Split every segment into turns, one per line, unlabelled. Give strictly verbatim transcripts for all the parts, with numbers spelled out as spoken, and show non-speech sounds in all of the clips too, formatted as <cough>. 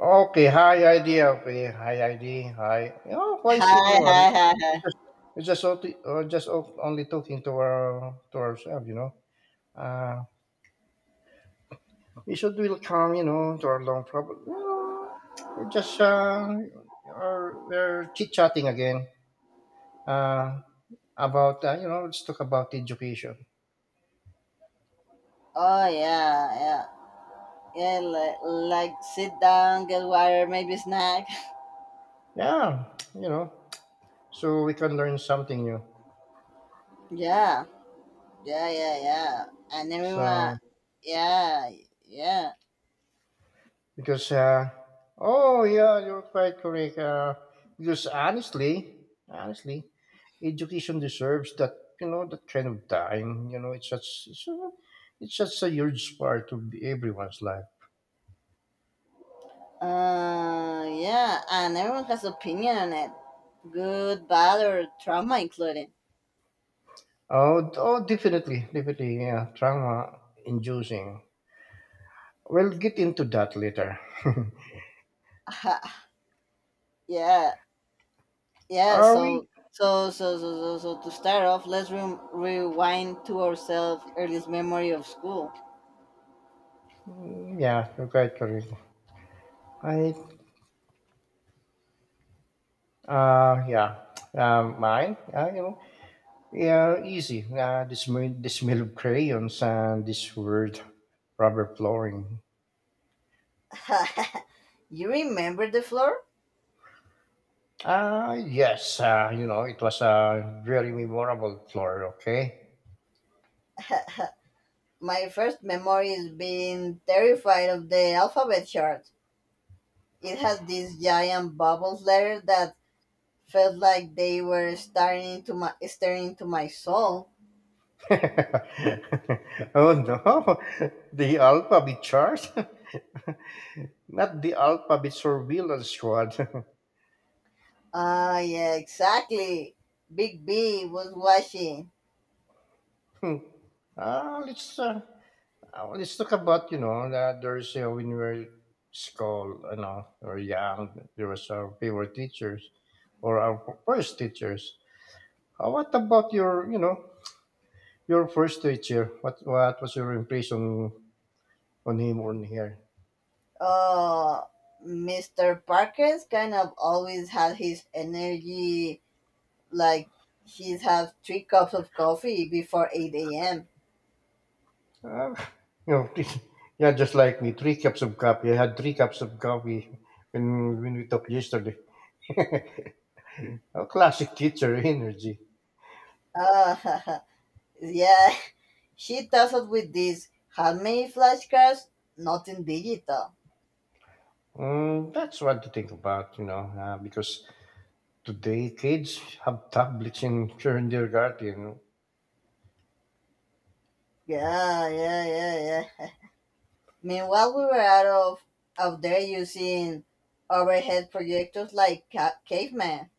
Okay, hi idea. Okay, hi I D. Hi. Oh, why is
Hi, hi,
everyone?
hi, hi.
We're just we're just, only, uh, just o- only talking to our to ourselves, you know. Uh, we should welcome, you know, to our long problem. You know, we're just uh, are we're chit chatting again. Uh, about uh, you know, let's talk about education.
Oh yeah, yeah, yeah. Like, like sit down, get water, maybe snack. <laughs>
Yeah, you know, so we can learn something new.
Yeah, yeah, yeah, yeah. And everyone,
So.
yeah, yeah.
Because, uh, oh yeah, you're quite correct. Uh, because honestly, honestly, education deserves that you know that kind of time. You know, it's such it's, a, it's such a huge part of everyone's life.
Uh, yeah. And everyone has opinion on it, good, bad, or trauma including.
Oh, oh, definitely, definitely, yeah, trauma inducing. We'll get into that later.
<laughs> Yeah,
<laughs>
yeah.
Are we?
So, so, so, so, so, so to start off, let's re- rewind to ourselves earliest memory of school.
Mm, yeah, you're quite correct. I, uh, yeah, um, mine. Yeah, you know. Yeah, easy. Uh, the, smell, the smell of crayons and this weird rubber flooring.
<laughs> You remember the floor?
Ah, yes. Uh, you know, it was a very memorable floor, okay?
My first memory is being terrified of the alphabet chart. It had these giant bubbles letters that felt like they were staring into my staring into my soul.
<laughs> Oh, no. The alphabet chart? <laughs> Not the alphabet surveillance squad.
Ah, yeah, exactly. Big B was watching.
<laughs> Ah, let's uh, Uh, let's talk about you know that there's you know, when we were school, you know, or young, there was our favorite teachers or our first teachers. Uh, what about your you know your first teacher? What what was your impression on him or on her?
Oh, mister Parker's kind of always had his energy like he's had three cups of coffee before eight a m.
Uh, <laughs> you know, <laughs> yeah, just like me, three cups of coffee. I had three cups of coffee when when we talked yesterday. <laughs> A classic teacher energy.
Ah, <laughs> yeah. She tasked with this had many flashcards, nothing digital.
Mm, that's what to think about, you know, uh, because today, kids have tablets in kindergarten.
Yeah, yeah, yeah, yeah. Meanwhile, we were out of, out there using overhead projectors like ca- caveman.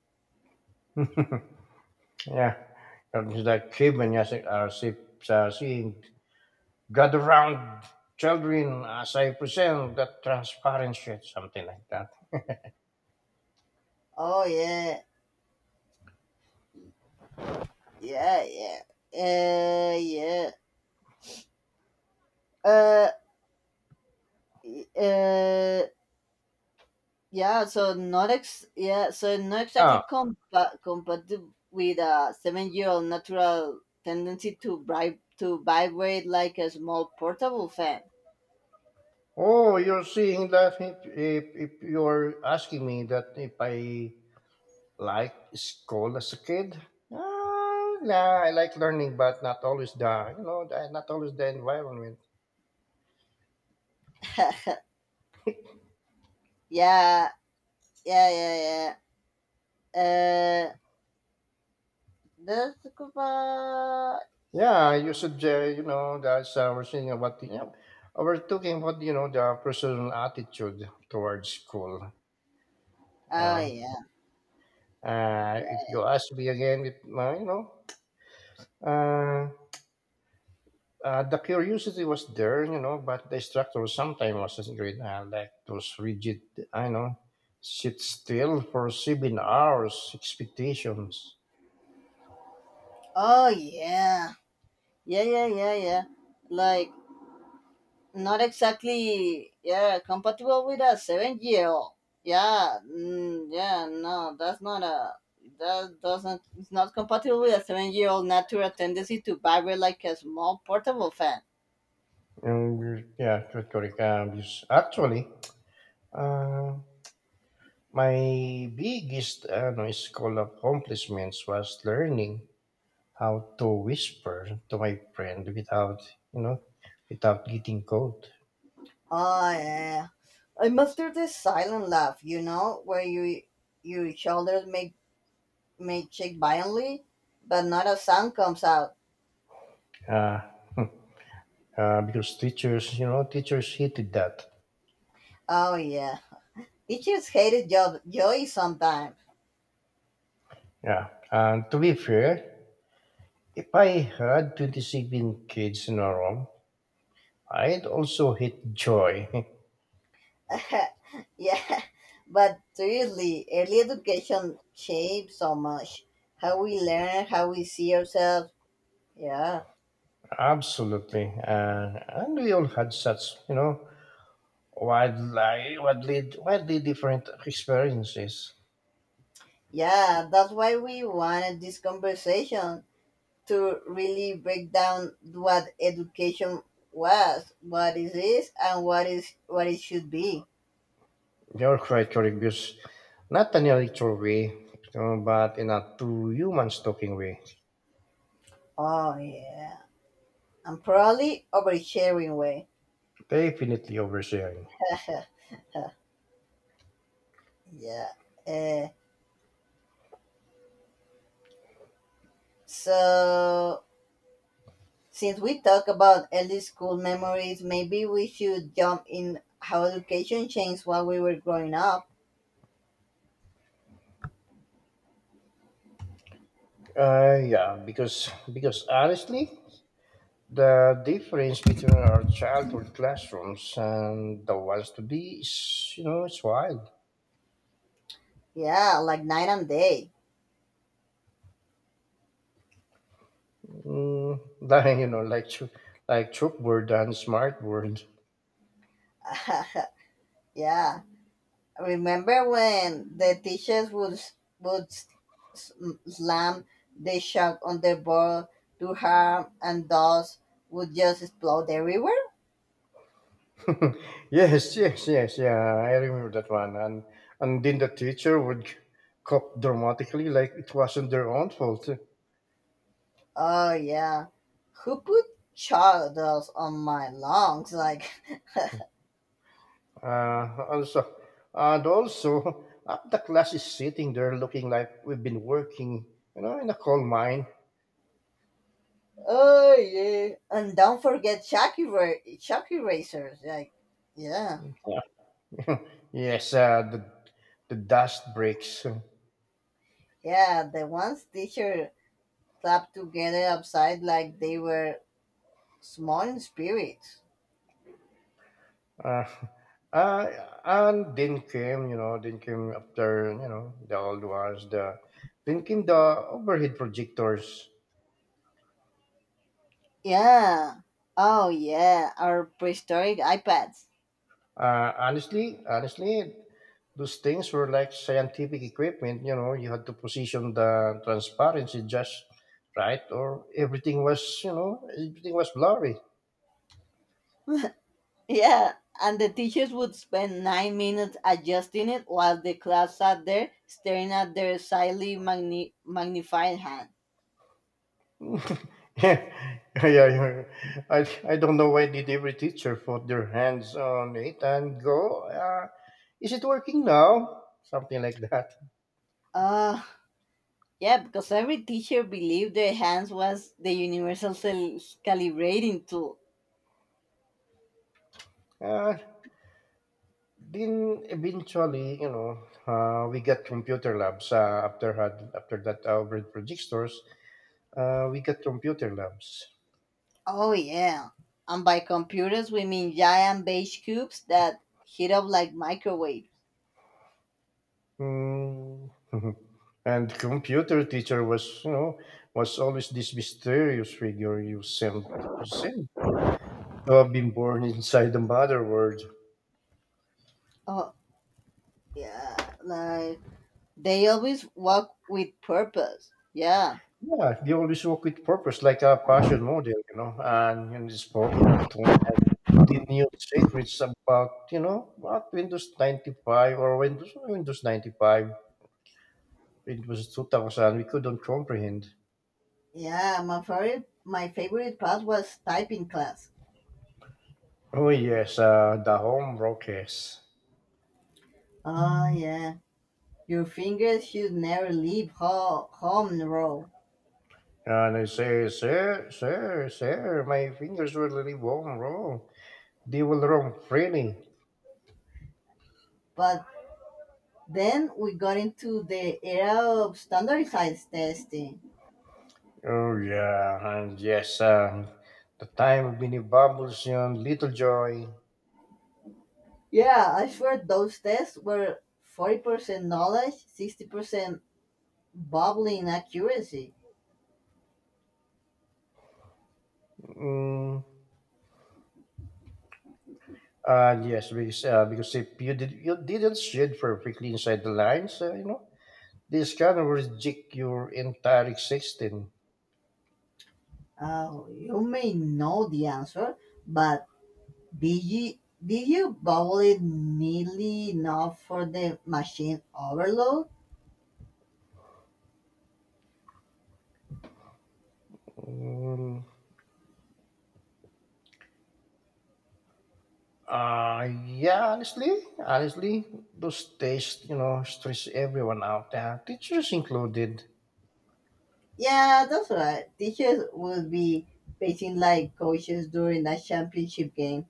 <laughs> yeah, it's like Kevin Yasek are sip- sa saying, gather round children as I present that transparent shit, something like that.
Oh, yeah, yeah, yeah. Uh, yeah. Uh, uh, yeah, so not ex- yeah, so not
Ah,
exactly compa- compatible with a seven-year-old natural tendency to bribe to vibrate like a small portable fan.
oh, you're seeing that if, if, if you're asking me that if I like school as a kid. Ah, nah, I like learning, but not always the you know, the- not always the environment.
<laughs> Yeah, yeah, yeah, yeah. Uh, the scuba.
Yeah, you should, uh, you know, that's uh, we're seeing about the, yeah, we're talking about, you know, the personal attitude towards school. You
Oh
know,
yeah.
uh, if you ask me again, it, uh, you know, uh, uh, the curiosity was there, you know, but the instructor sometimes wasn't great. Uh, like those rigid, I know, sit still for seven hours expectations.
Oh yeah. Yeah, yeah, yeah, yeah. Like not exactly. Yeah, compatible with a seven-year-old. Yeah, mm, yeah. No, that's not a. That doesn't. It's not compatible with a seven-year-old natural tendency to vibrate like a small portable fan.
And yeah, correct, correct. Um, yes, actually, uh, my biggest ano, school accomplishments was learning how to whisper to my friend without, you know, without getting caught.
Oh yeah. I must do this silent laugh, you know, where you your shoulders make may shake violently, but not a sound comes out.
Uh, uh, because teachers, you know, teachers hated that.
Oh yeah, teachers hated job joy sometimes.
Yeah. And to be fair, if I had twenty seven kids in a room, I'd also hate joy. <laughs>
<laughs> Yeah, but seriously, early education shapes so much how we learn, how we see ourselves. Yeah,
Absolutely. Uh, and we all had such, you know, wildly, wildly, wildly different experiences.
yeah, that's why we wanted this conversation to really break down what education was, what it is, and what is what it should be.
You're quite curious, not in a literal way, uh, but in a true humans talking way.
Oh yeah, I'm probably oversharing way.
Definitely oversharing.
Yeah, yeah. Uh, so since we talk about early school memories, maybe we should jump in how education changed while we were growing up.
Uh, yeah, because because honestly, the difference between our childhood classrooms and the ones today is, you know, it's wild.
Yeah, like night and day.
Mm, <laughs> like, you know, like chalk- like chalkboard and smartboard.
<laughs> Yeah. Remember when the teachers would would s- slam the chalk on the board to harm and thus would just explode everywhere?
<laughs> yes, yes, yes, yeah. I remember that one. And and then the teacher would cough dramatically, like it wasn't their own fault.
Oh yeah. Who put chalk dust on my lungs? Like <laughs>
Uh, also, and Also, uh, the class is sitting there looking like we've been working, you know, in a coal mine.
Oh yeah, and don't forget Chucky Ra- Chucky racers. Like, yeah,
Yeah. <laughs> Yes, uh, the the dust breaks.
yeah. The ones teacher clapped together upside like they were small spirits.
Uh, uh, and then came, you know, then came after, you know, the old ones. The then came the overhead projectors.
Yeah. Oh yeah, our prehistoric iPads.
Uh, honestly, honestly, those things were like scientific equipment. You know, you had to position the transparency just right, or everything was, you know, everything was blurry.
Yeah, and the teachers would spend nine minutes adjusting it while the class sat there staring at their slightly magni- magnified hand.
<laughs> yeah, yeah. I, I don't know why did every teacher put their hands on it and go, uh, is it working now? Something like that.
Ah, yeah, because every teacher believed their hands was the universal cel- calibrating tool.
Uh, then eventually, you know, uh, we got computer labs uh, after had after that uh, over at project stores. Uh, we got computer labs.
Oh yeah. And by computers we mean giant beige cubes that heat up like microwaves.
Mm. <laughs> And computer teacher was, you know, was always this mysterious figure you sent percent to have been born <laughs> inside the mother world.
Oh yeah, like they always walk with purpose. Yeah.
Yeah, they always work with purpose, like a passion model, you know, and, and spoke in a tone. The new secrets about, you know, what Windows ninety five or Windows Windows ninety five, Windows two thousand, we couldn't comprehend.
Yeah, my favorite my favorite part was typing class.
Oh, yes, uh, the home rockers.
Oh yeah. Your fingers should never leave ho- home row.
And I say, sir, sir, sir, my fingers will really won't roll. They will roam freely.
But then we got into the era of standardized testing.
Oh, yeah, and yes, uh, the time of Minnie Bubbles and Little Joy.
Yeah, I swear those tests were forty percent knowledge, sixty percent bubbling accuracy.
Mm, and yes, because, uh, because if you, did, you didn't shade perfectly inside the lines, uh, you know, this can reject your entire existence.
Uh, you may know the answer, but did you, did you bubble it neatly enough for the machine overload?
Mm, uh, yeah, honestly, honestly, those tastes, you know, stress everyone out, uh, teachers included.
Yeah, that's right. Teachers would be pacing like coaches during that championship game.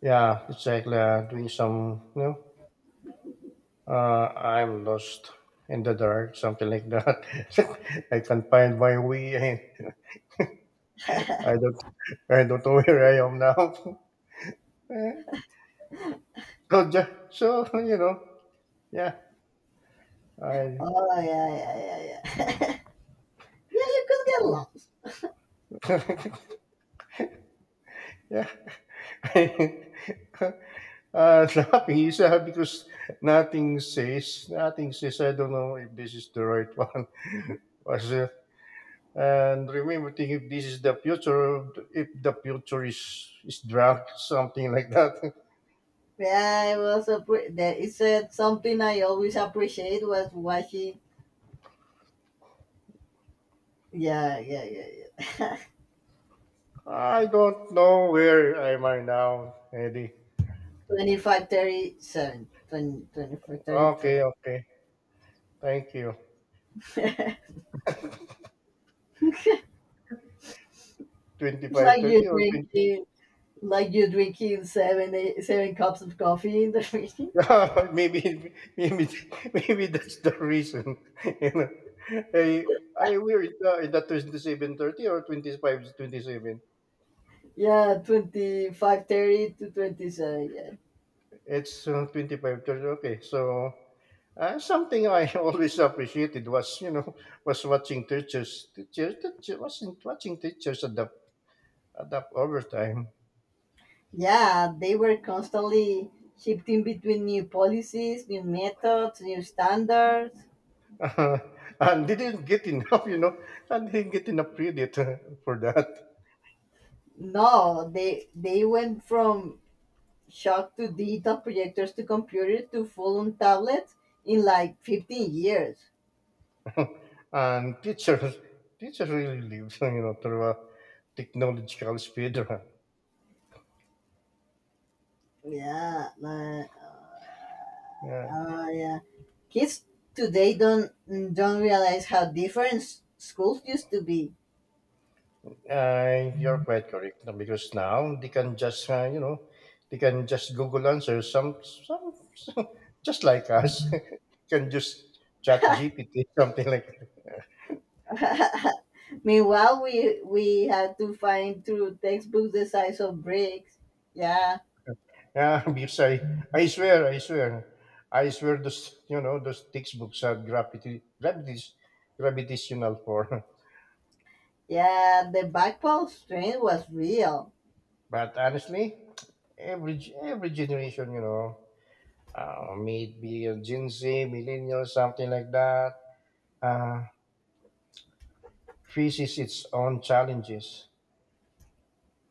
Yeah, it's like uh, doing some, you know, uh, I'm lost in the dark, something like that. <laughs> I can't find my way. <laughs> I don't, I don't know where I am now. <laughs> Eh, so, ju- so, you know, yeah, I,
Oh, yeah, yeah, yeah, yeah. <laughs> Yeah, you could get lost.
<laughs> yeah, <laughs> uh, laughing is uh, because nothing says, nothing says. I don't know if this is the right one. <laughs> Was And Remember to if this is the future, if the future is, is drunk, something like that.
Yeah, I was appre- that is, uh, something I always appreciate was watching. Yeah, yeah, yeah, yeah.
<laughs> I don't know where am I now, Eddie.
<laughs> Twenty five thirty seven, twenty twenty four thirty
Okay,
twenty.
okay. Thank you.
<laughs>
Twenty
It's like
five
you're
thirty or twenty.
drinking,
<laughs>
like you're drinking seven, eight, seven cups of coffee in the <laughs> morning.
Yeah, maybe, maybe, maybe that's the reason. <laughs> You know. I, I, we're in the, in the twenty seven, thirty, or twenty five twenty seven.
Yeah, twenty five thirty to twenty seven. Yeah.
It's uh, twenty five to okay. So uh, something I <laughs> always appreciated was you know <laughs> was watching teachers teachers teachers watching watching teachers adapt adapt over time.
Yeah, they were constantly shifting between new policies, new methods, new standards.
<laughs> and they didn't get enough, you know, and they didn't get enough credit <laughs> for that.
No, they they went from shock to digital projectors to computer to full on tablets in like fifteen years.
<laughs> And teachers, teachers really live, <laughs> you know, through a technological speed. <laughs>
Yeah, like, uh,
Run.
uh, yeah. Kids today don't don't realize how different s- schools used to be.
Uh, you're quite correct no, because now they can just uh, you know they can just Google answer some some, <laughs> just like us <laughs> can just chat G P T <laughs> something like
<laughs> Meanwhile, we we had to find through textbooks the size of bricks. Yeah,
yeah. <laughs> Because I I swear I swear I swear those you know those textbooks are gravity gravities gravitational for. <laughs>
yeah. The backbone strain was real.
But honestly, every every generation, you know, uh, maybe a Gen Z millennials, something like that. Uh, Faces its own challenges,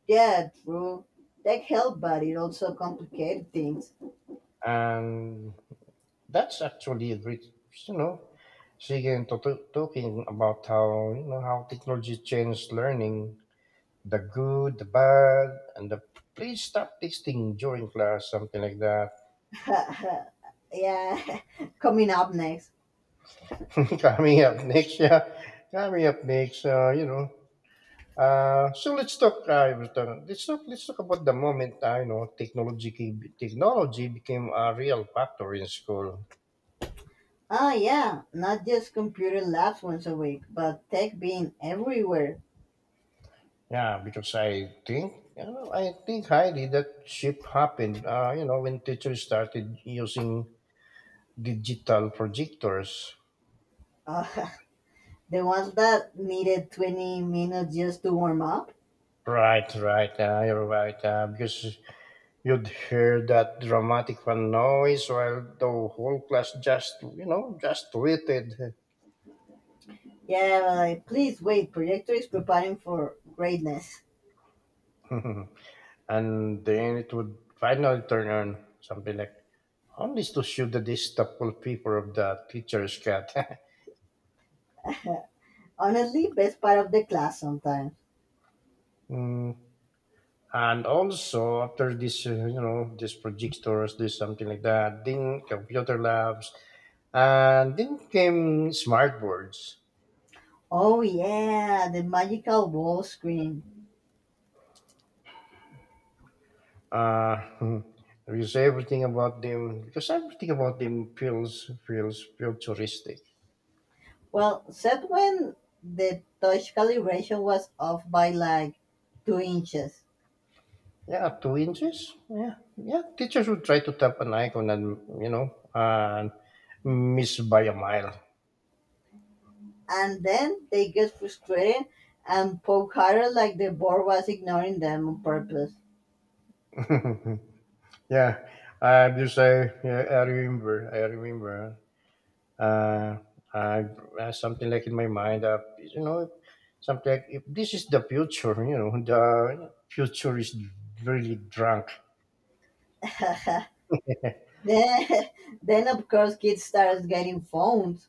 Yeah, true. Tech helped, but it also complicated things.
and that's actually re- you know Sigin to- to- talking about how you know how technology changed learning, the good, the bad, and the please stop texting during class, something like that.
<laughs> Yeah, <laughs> coming up next.
<laughs> Coming up next, yeah, coming up next, uh, you know. Uh, so let's talk. Uh, Everton, let's talk. let's talk about the moment uh, you know technology technology became a real factor in school.
Oh, yeah, not just computer labs once a week, but tech being everywhere.
Yeah, because I think, you know, I think highly that shift happened, uh, you know, when teachers started using digital projectors.
Uh, <laughs> the ones that needed twenty minutes just to warm up?
Right, right, uh, you're right. Uh, because you'd hear that dramatic fan noise while the whole class just, you know, just waited.
Yeah, but, like, please wait, projector is preparing for greatness.
<laughs> And then it would finally turn on something like, only to shoot the distasteful paper of the teacher's cat. <laughs>
Honestly, best part of the class sometimes.
Mm, and also after this, uh, you know, this projectors, this something like that, then computer labs, and then came smart boards.
Oh, yeah, the magical wall screen.
Uh, <laughs> because everything about them, because everything about them feels feels futuristic.
Well, except when the touch calibration was off by like two inches.
Yeah, two inches. Yeah, yeah. Teachers would try to tap an icon and you know and miss by a mile.
And then they get frustrated and poke harder like the board was ignoring them on purpose.
<laughs> yeah, uh, because I yeah, I remember I remember uh, uh, uh, something like in my mind, uh, you know, something like if this is the future, you know, the future is really drunk.
<laughs> Then, <laughs> then of course kids started getting phones.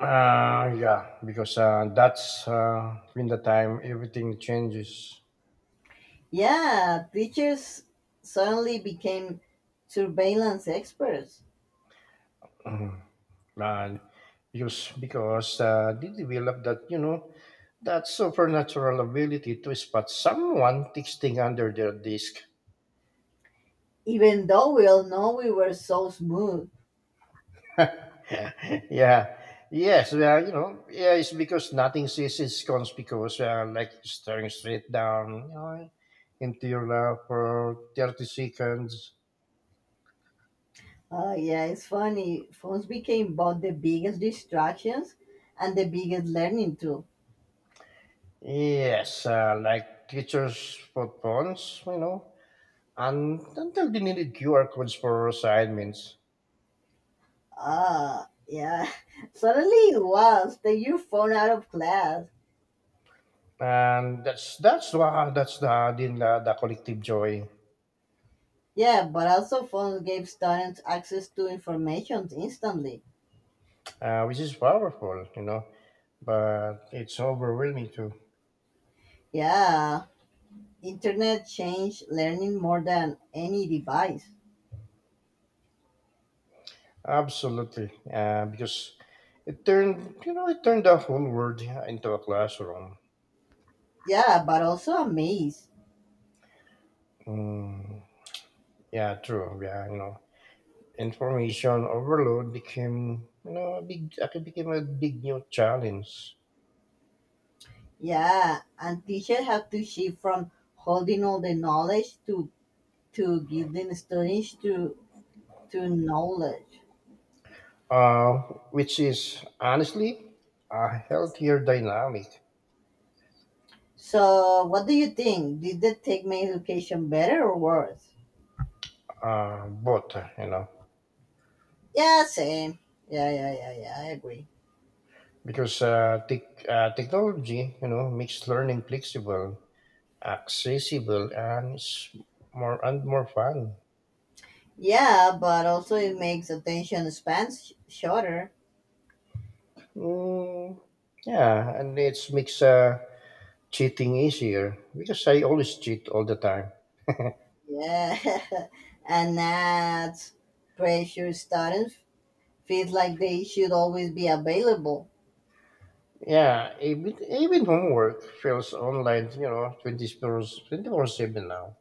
Uh, yeah, because uh, that's uh, been the time everything changes.
Yeah, teachers suddenly became surveillance experts.
Mhm. And because because uh, they develop that, you know, that supernatural ability to spot someone texting under their desk.
Even though we all know we were so smooth.
Yeah. Yes. Well, you know, yeah, it's because nothing is is conspicuous, uh, like staring straight down, you know, into your lap for thirty seconds.
Uh, yeah, it's funny. Phones became both the biggest distractions and the biggest learning tool.
Yes, uh, like teachers' for phones, you know, and until they needed Q R codes for assignments.
Ah, yeah. <laughs> Suddenly it was. Take your phone out of class.
And that's that's wow, that's the the, the collective joy,
Yeah, but also phones gave students access to information instantly.
uh, which is powerful, you know, but it's overwhelming too.
Yeah, internet changed learning more than any device.
Absolutely, uh, because it turned you know it turned the whole world into a classroom.
Yeah, but also a maze.
Mm, yeah, true. Yeah, you know, information overload became you know a big it became a big new challenge.
Yeah, and teachers have to shift from holding all the knowledge to to giving students to to knowledge.
Uh, which is honestly a healthier dynamic.
So, what do you think? Did the take my education better or worse?
Uh, but you know
Yeah, same. Yeah, yeah, yeah, yeah. I agree.
because uh, tech uh, technology you know makes learning flexible, accessible, and it's more and more fun.
Yeah, but also it makes attention spans sh- shorter.
Mm, yeah, and it's makes uh, cheating easier because I always cheat all the time.
Yeah, <laughs> and that pressure students feel like they should always be available.
Yeah, even even homework feels online. You know, twenty four twenty four seven now.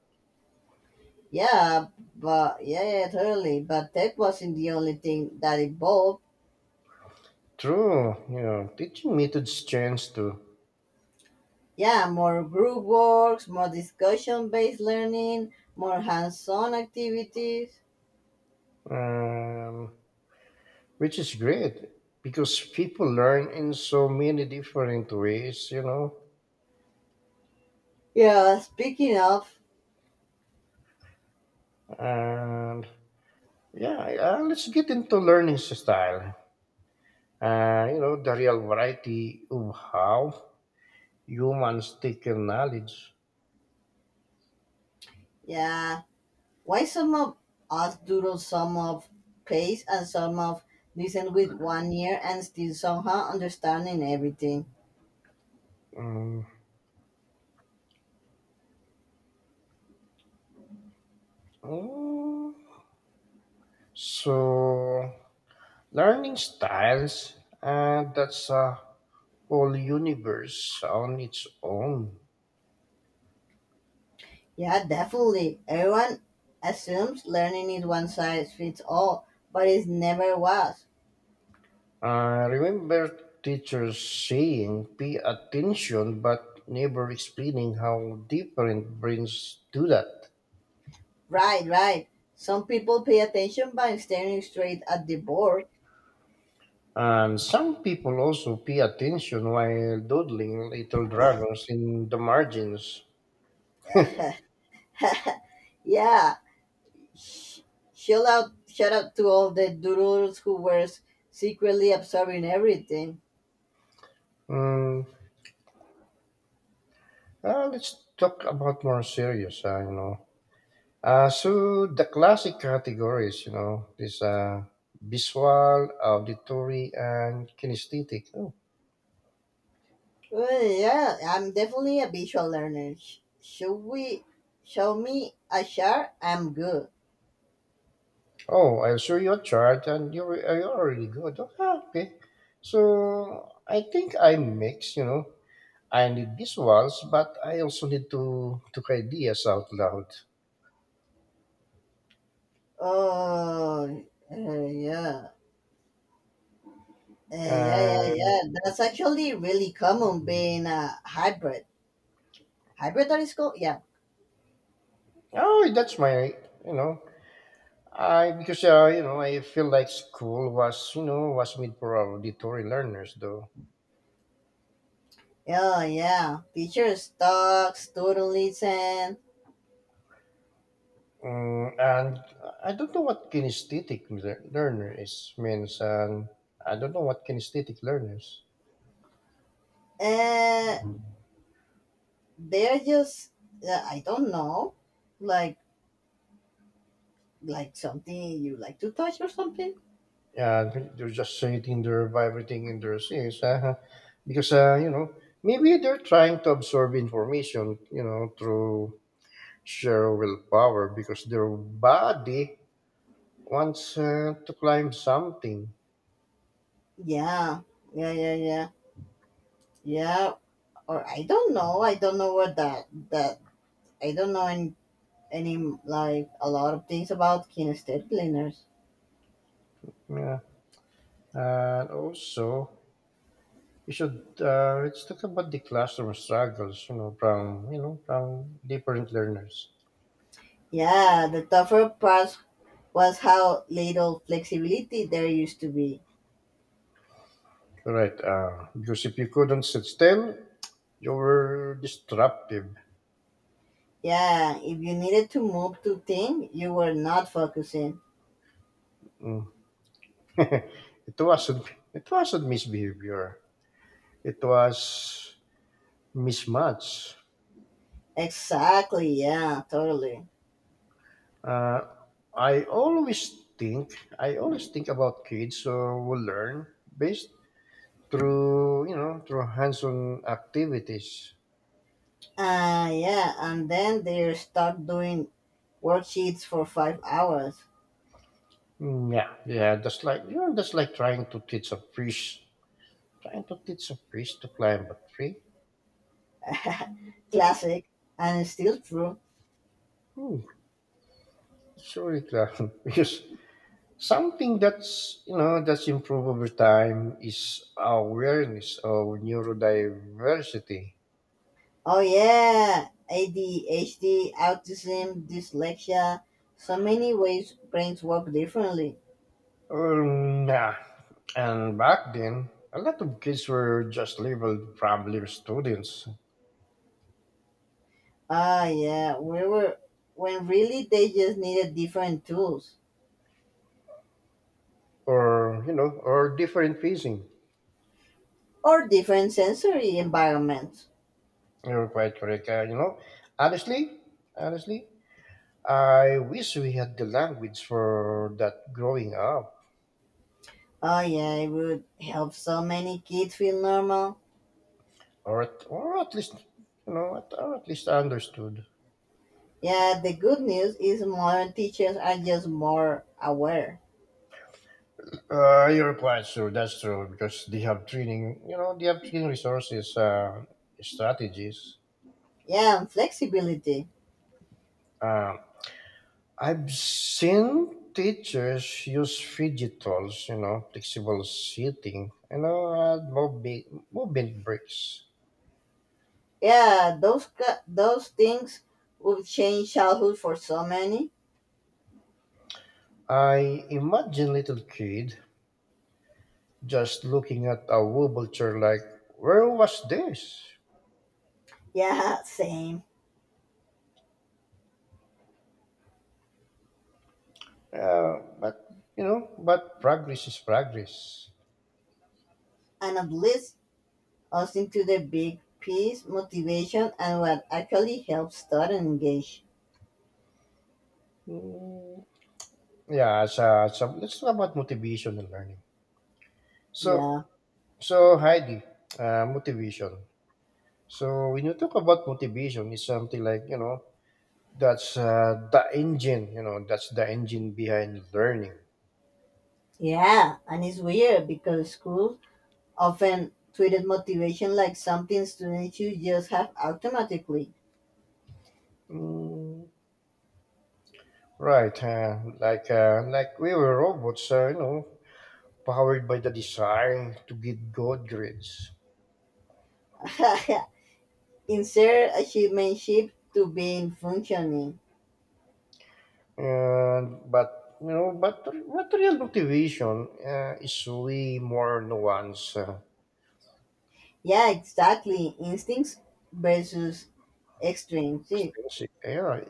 Yeah, but yeah, yeah, totally. But that wasn't the only thing that evolved.
True. You know, teaching methods change too,
Yeah, more group works, more discussion-based learning, more hands-on activities.
um, which is great because people learn in so many different ways. You know,
Yeah, speaking of,
and yeah, uh, let's get into learning style uh, you know, the real variety of how humans taking knowledge.
yeah, why some of us doodle, some of pace, and some of listen with one ear and still somehow understanding everything?
Mm. Mm. So, learning styles, uh, that's a whole universe on its own.
Yeah, definitely. Everyone assumes learning is one size fits all, but it never was.
I remember teachers saying, pay attention, but never explaining how different brains do that.
Right, right. Some people pay attention by staring straight at the board.
And some people also pay attention while doodling little dragons in the margins.
Yeah. Sh- shout out, shout out to all the doodlers who were secretly absorbing everything.
Mm, Uh, let's talk about more serious, uh, you know. Uh, so the classic categories, you know, this uh, visual, auditory, and kinesthetic. Oh,
Well, yeah, I'm definitely a visual learner. Sh- Should we show me a chart? I'm good.
oh I'll show you a chart, and you're, you're already good. Oh, ah, okay. So I think I mix, you know. I need visuals, but I also need to to ideas out loud.
Oh, uh, yeah. Uh, yeah, yeah,
And
yeah. That's actually really common being a hybrid. Hybrid that is called? Yeah.
oh, that's my, you know. I because uh, you know I feel like school was you know was made for auditory learners though,
Yeah, yeah. Teachers talk, student listen.
mm, and I don't know what kinesthetic lear- learner is means, and I don't know what kinesthetic learners.
And they're just, uh, I don't know, like like something you like to touch or something?
Yeah, they're just sitting there vibrating in their seats, uh, because uh, you know maybe they're trying to absorb information you know through sheer willpower because their body wants uh, to climb something.
Yeah, yeah, yeah, yeah. Yeah, or I don't know. I don't know what that that I don't know any, any like a lot of things about kinesthetic learners.
Yeah. And also, you should uh, let's talk about the classroom struggles. You know, from you know from different learners.
Yeah, the tougher part was how little flexibility there used to be.
Right. Uh, because if you couldn't sit still, you were disruptive.
Yeah, if you needed to move to think, you were not focusing.
Mm. <laughs> it wasn't. It wasn't misbehavior. It was mismatch.
Exactly, yeah, totally.
Uh, I always think. I always think about kids who will learn based through you know through hands-on activities.
Uh, yeah, and then they're stuck doing worksheets for five hours.
Mm, yeah, yeah. That's like you know, that's like trying to teach a priest, trying to teach a priest to climb a tree.
Classic, and it's still true.
Hmm, it's really <laughs> because something that's you know that's improved over time is awareness of neurodiversity.
Oh yeah, A D H D, autism, dyslexia, so many ways brains work differently.
Um, yeah, and back then a lot of kids were just labeled problem students,
Ah yeah, we were when really they just needed different tools
or you know or different facing.
or different sensory environments.
You're quite correct. Uh, you know, honestly, Honestly, I wish we had the language for that growing up,
Oh yeah, it would help so many kids feel normal.
or at, or at least you know, at, or at least understood.
Yeah, the good news is modern teachers are just more aware.
Uh, you quite sure, that's true, because they have training, you know, they have training resources, uh, strategies.
Yeah, and flexibility.
Uh, I've seen teachers use fidget tools, you know, flexible seating, you know, uh, movement, movement breaks.
Yeah, those ca- those things would change childhood for so many.
I imagine little kid just looking at a wobble like, where was this?
Yeah, same.
Uh, but, you know, but progress is progress.
And at least us into the big piece, motivation, and what actually helps students engage.
Mm, yeah, so so let's talk about motivation and learning. So,
Yeah.
so Heidi, uh, motivation. So when you talk about motivation, it's something like, you know, that's uh, the engine, you know, that's the engine behind learning.
Yeah, and it's weird because schools often treated motivation like something students should just have automatically.
Mm, right, uh, like uh, like we were robots, uh, you know, powered by the desire to get good grades.
<laughs> Insert achievementship to being functioning.
And but you know, but but real motivation uh, is way more nuanced, uh,
Yeah, exactly. Instincts versus extremes.
extrinsic. Yeah,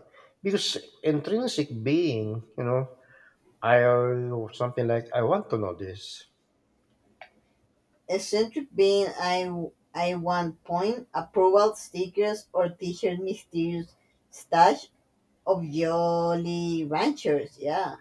because intrinsic being, you know, I or something like I want to know this.
Eccentric being I I want point approval stickers or T-shirt mysterious stash of Jolly Ranchers. Yeah.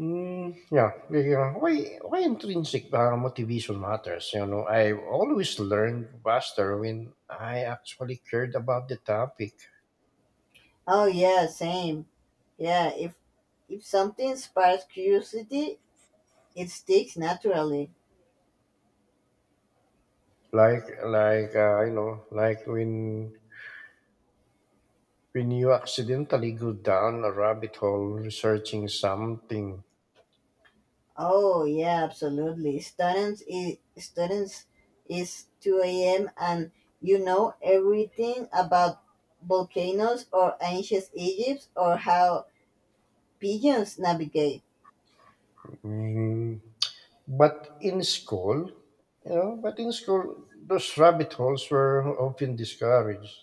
Mm, yeah, yeah, yeah. Why why intrinsic uh, motivation matters? You know, I always learned faster when I actually cared about the topic.
Oh yeah, same. Yeah. If if something sparks curiosity, it sticks naturally.
Like like, uh, you know, like when when you accidentally go down a rabbit hole researching something.
Oh yeah, absolutely. Students is students is two a m and you know everything about volcanoes or ancient Egypt or how pigeons navigate.
Mm, But in school, you know, but in school, those rabbit holes were often discouraged.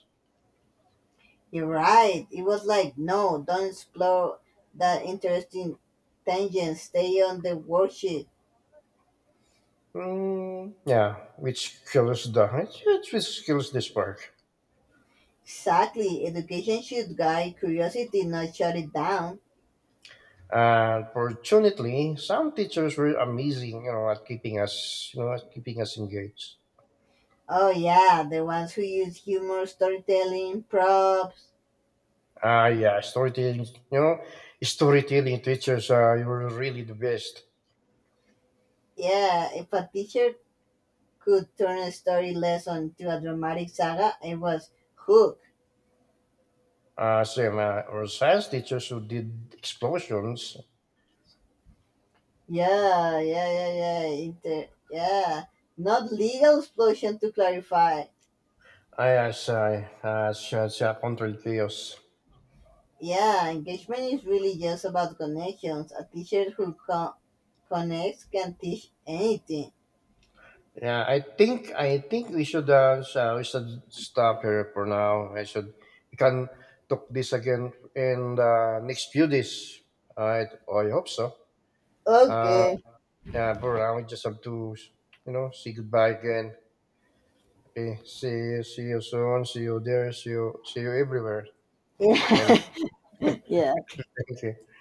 You're right. It was like, no, don't explore that interesting tangent. Stay on the worksheet.
Mm, yeah, which kills the which which kills the spark.
Exactly. Education should guide curiosity, not shut it down.
And fortunately, some teachers were amazing, you know, at keeping us, you know, at keeping us engaged.
Oh, yeah, the ones who use humor, storytelling, props.
Ah, yeah, storytelling. You know, storytelling teachers uh, were really the best.
Yeah, if a teacher could turn a story lesson to a dramatic saga, it was hook.
Uh, same, uh, our science teachers who did explosions.
Yeah, yeah, yeah, yeah. Inter- yeah. Not legal explosion to clarify.
I as I as uh, Control chaos.
Yeah, engagement is really just about connections. A teacher who co- connects can teach anything.
Yeah, I think I think we should uh, so we should stop here for now. I should We can talk this again in the next few days. I I hope so. Uh,
Okay.
yeah, for now we just have to you know say goodbye again. Okay. See you. See you soon. See you there. See you. See you everywhere.
<laughs>
I
Yeah.
thank you.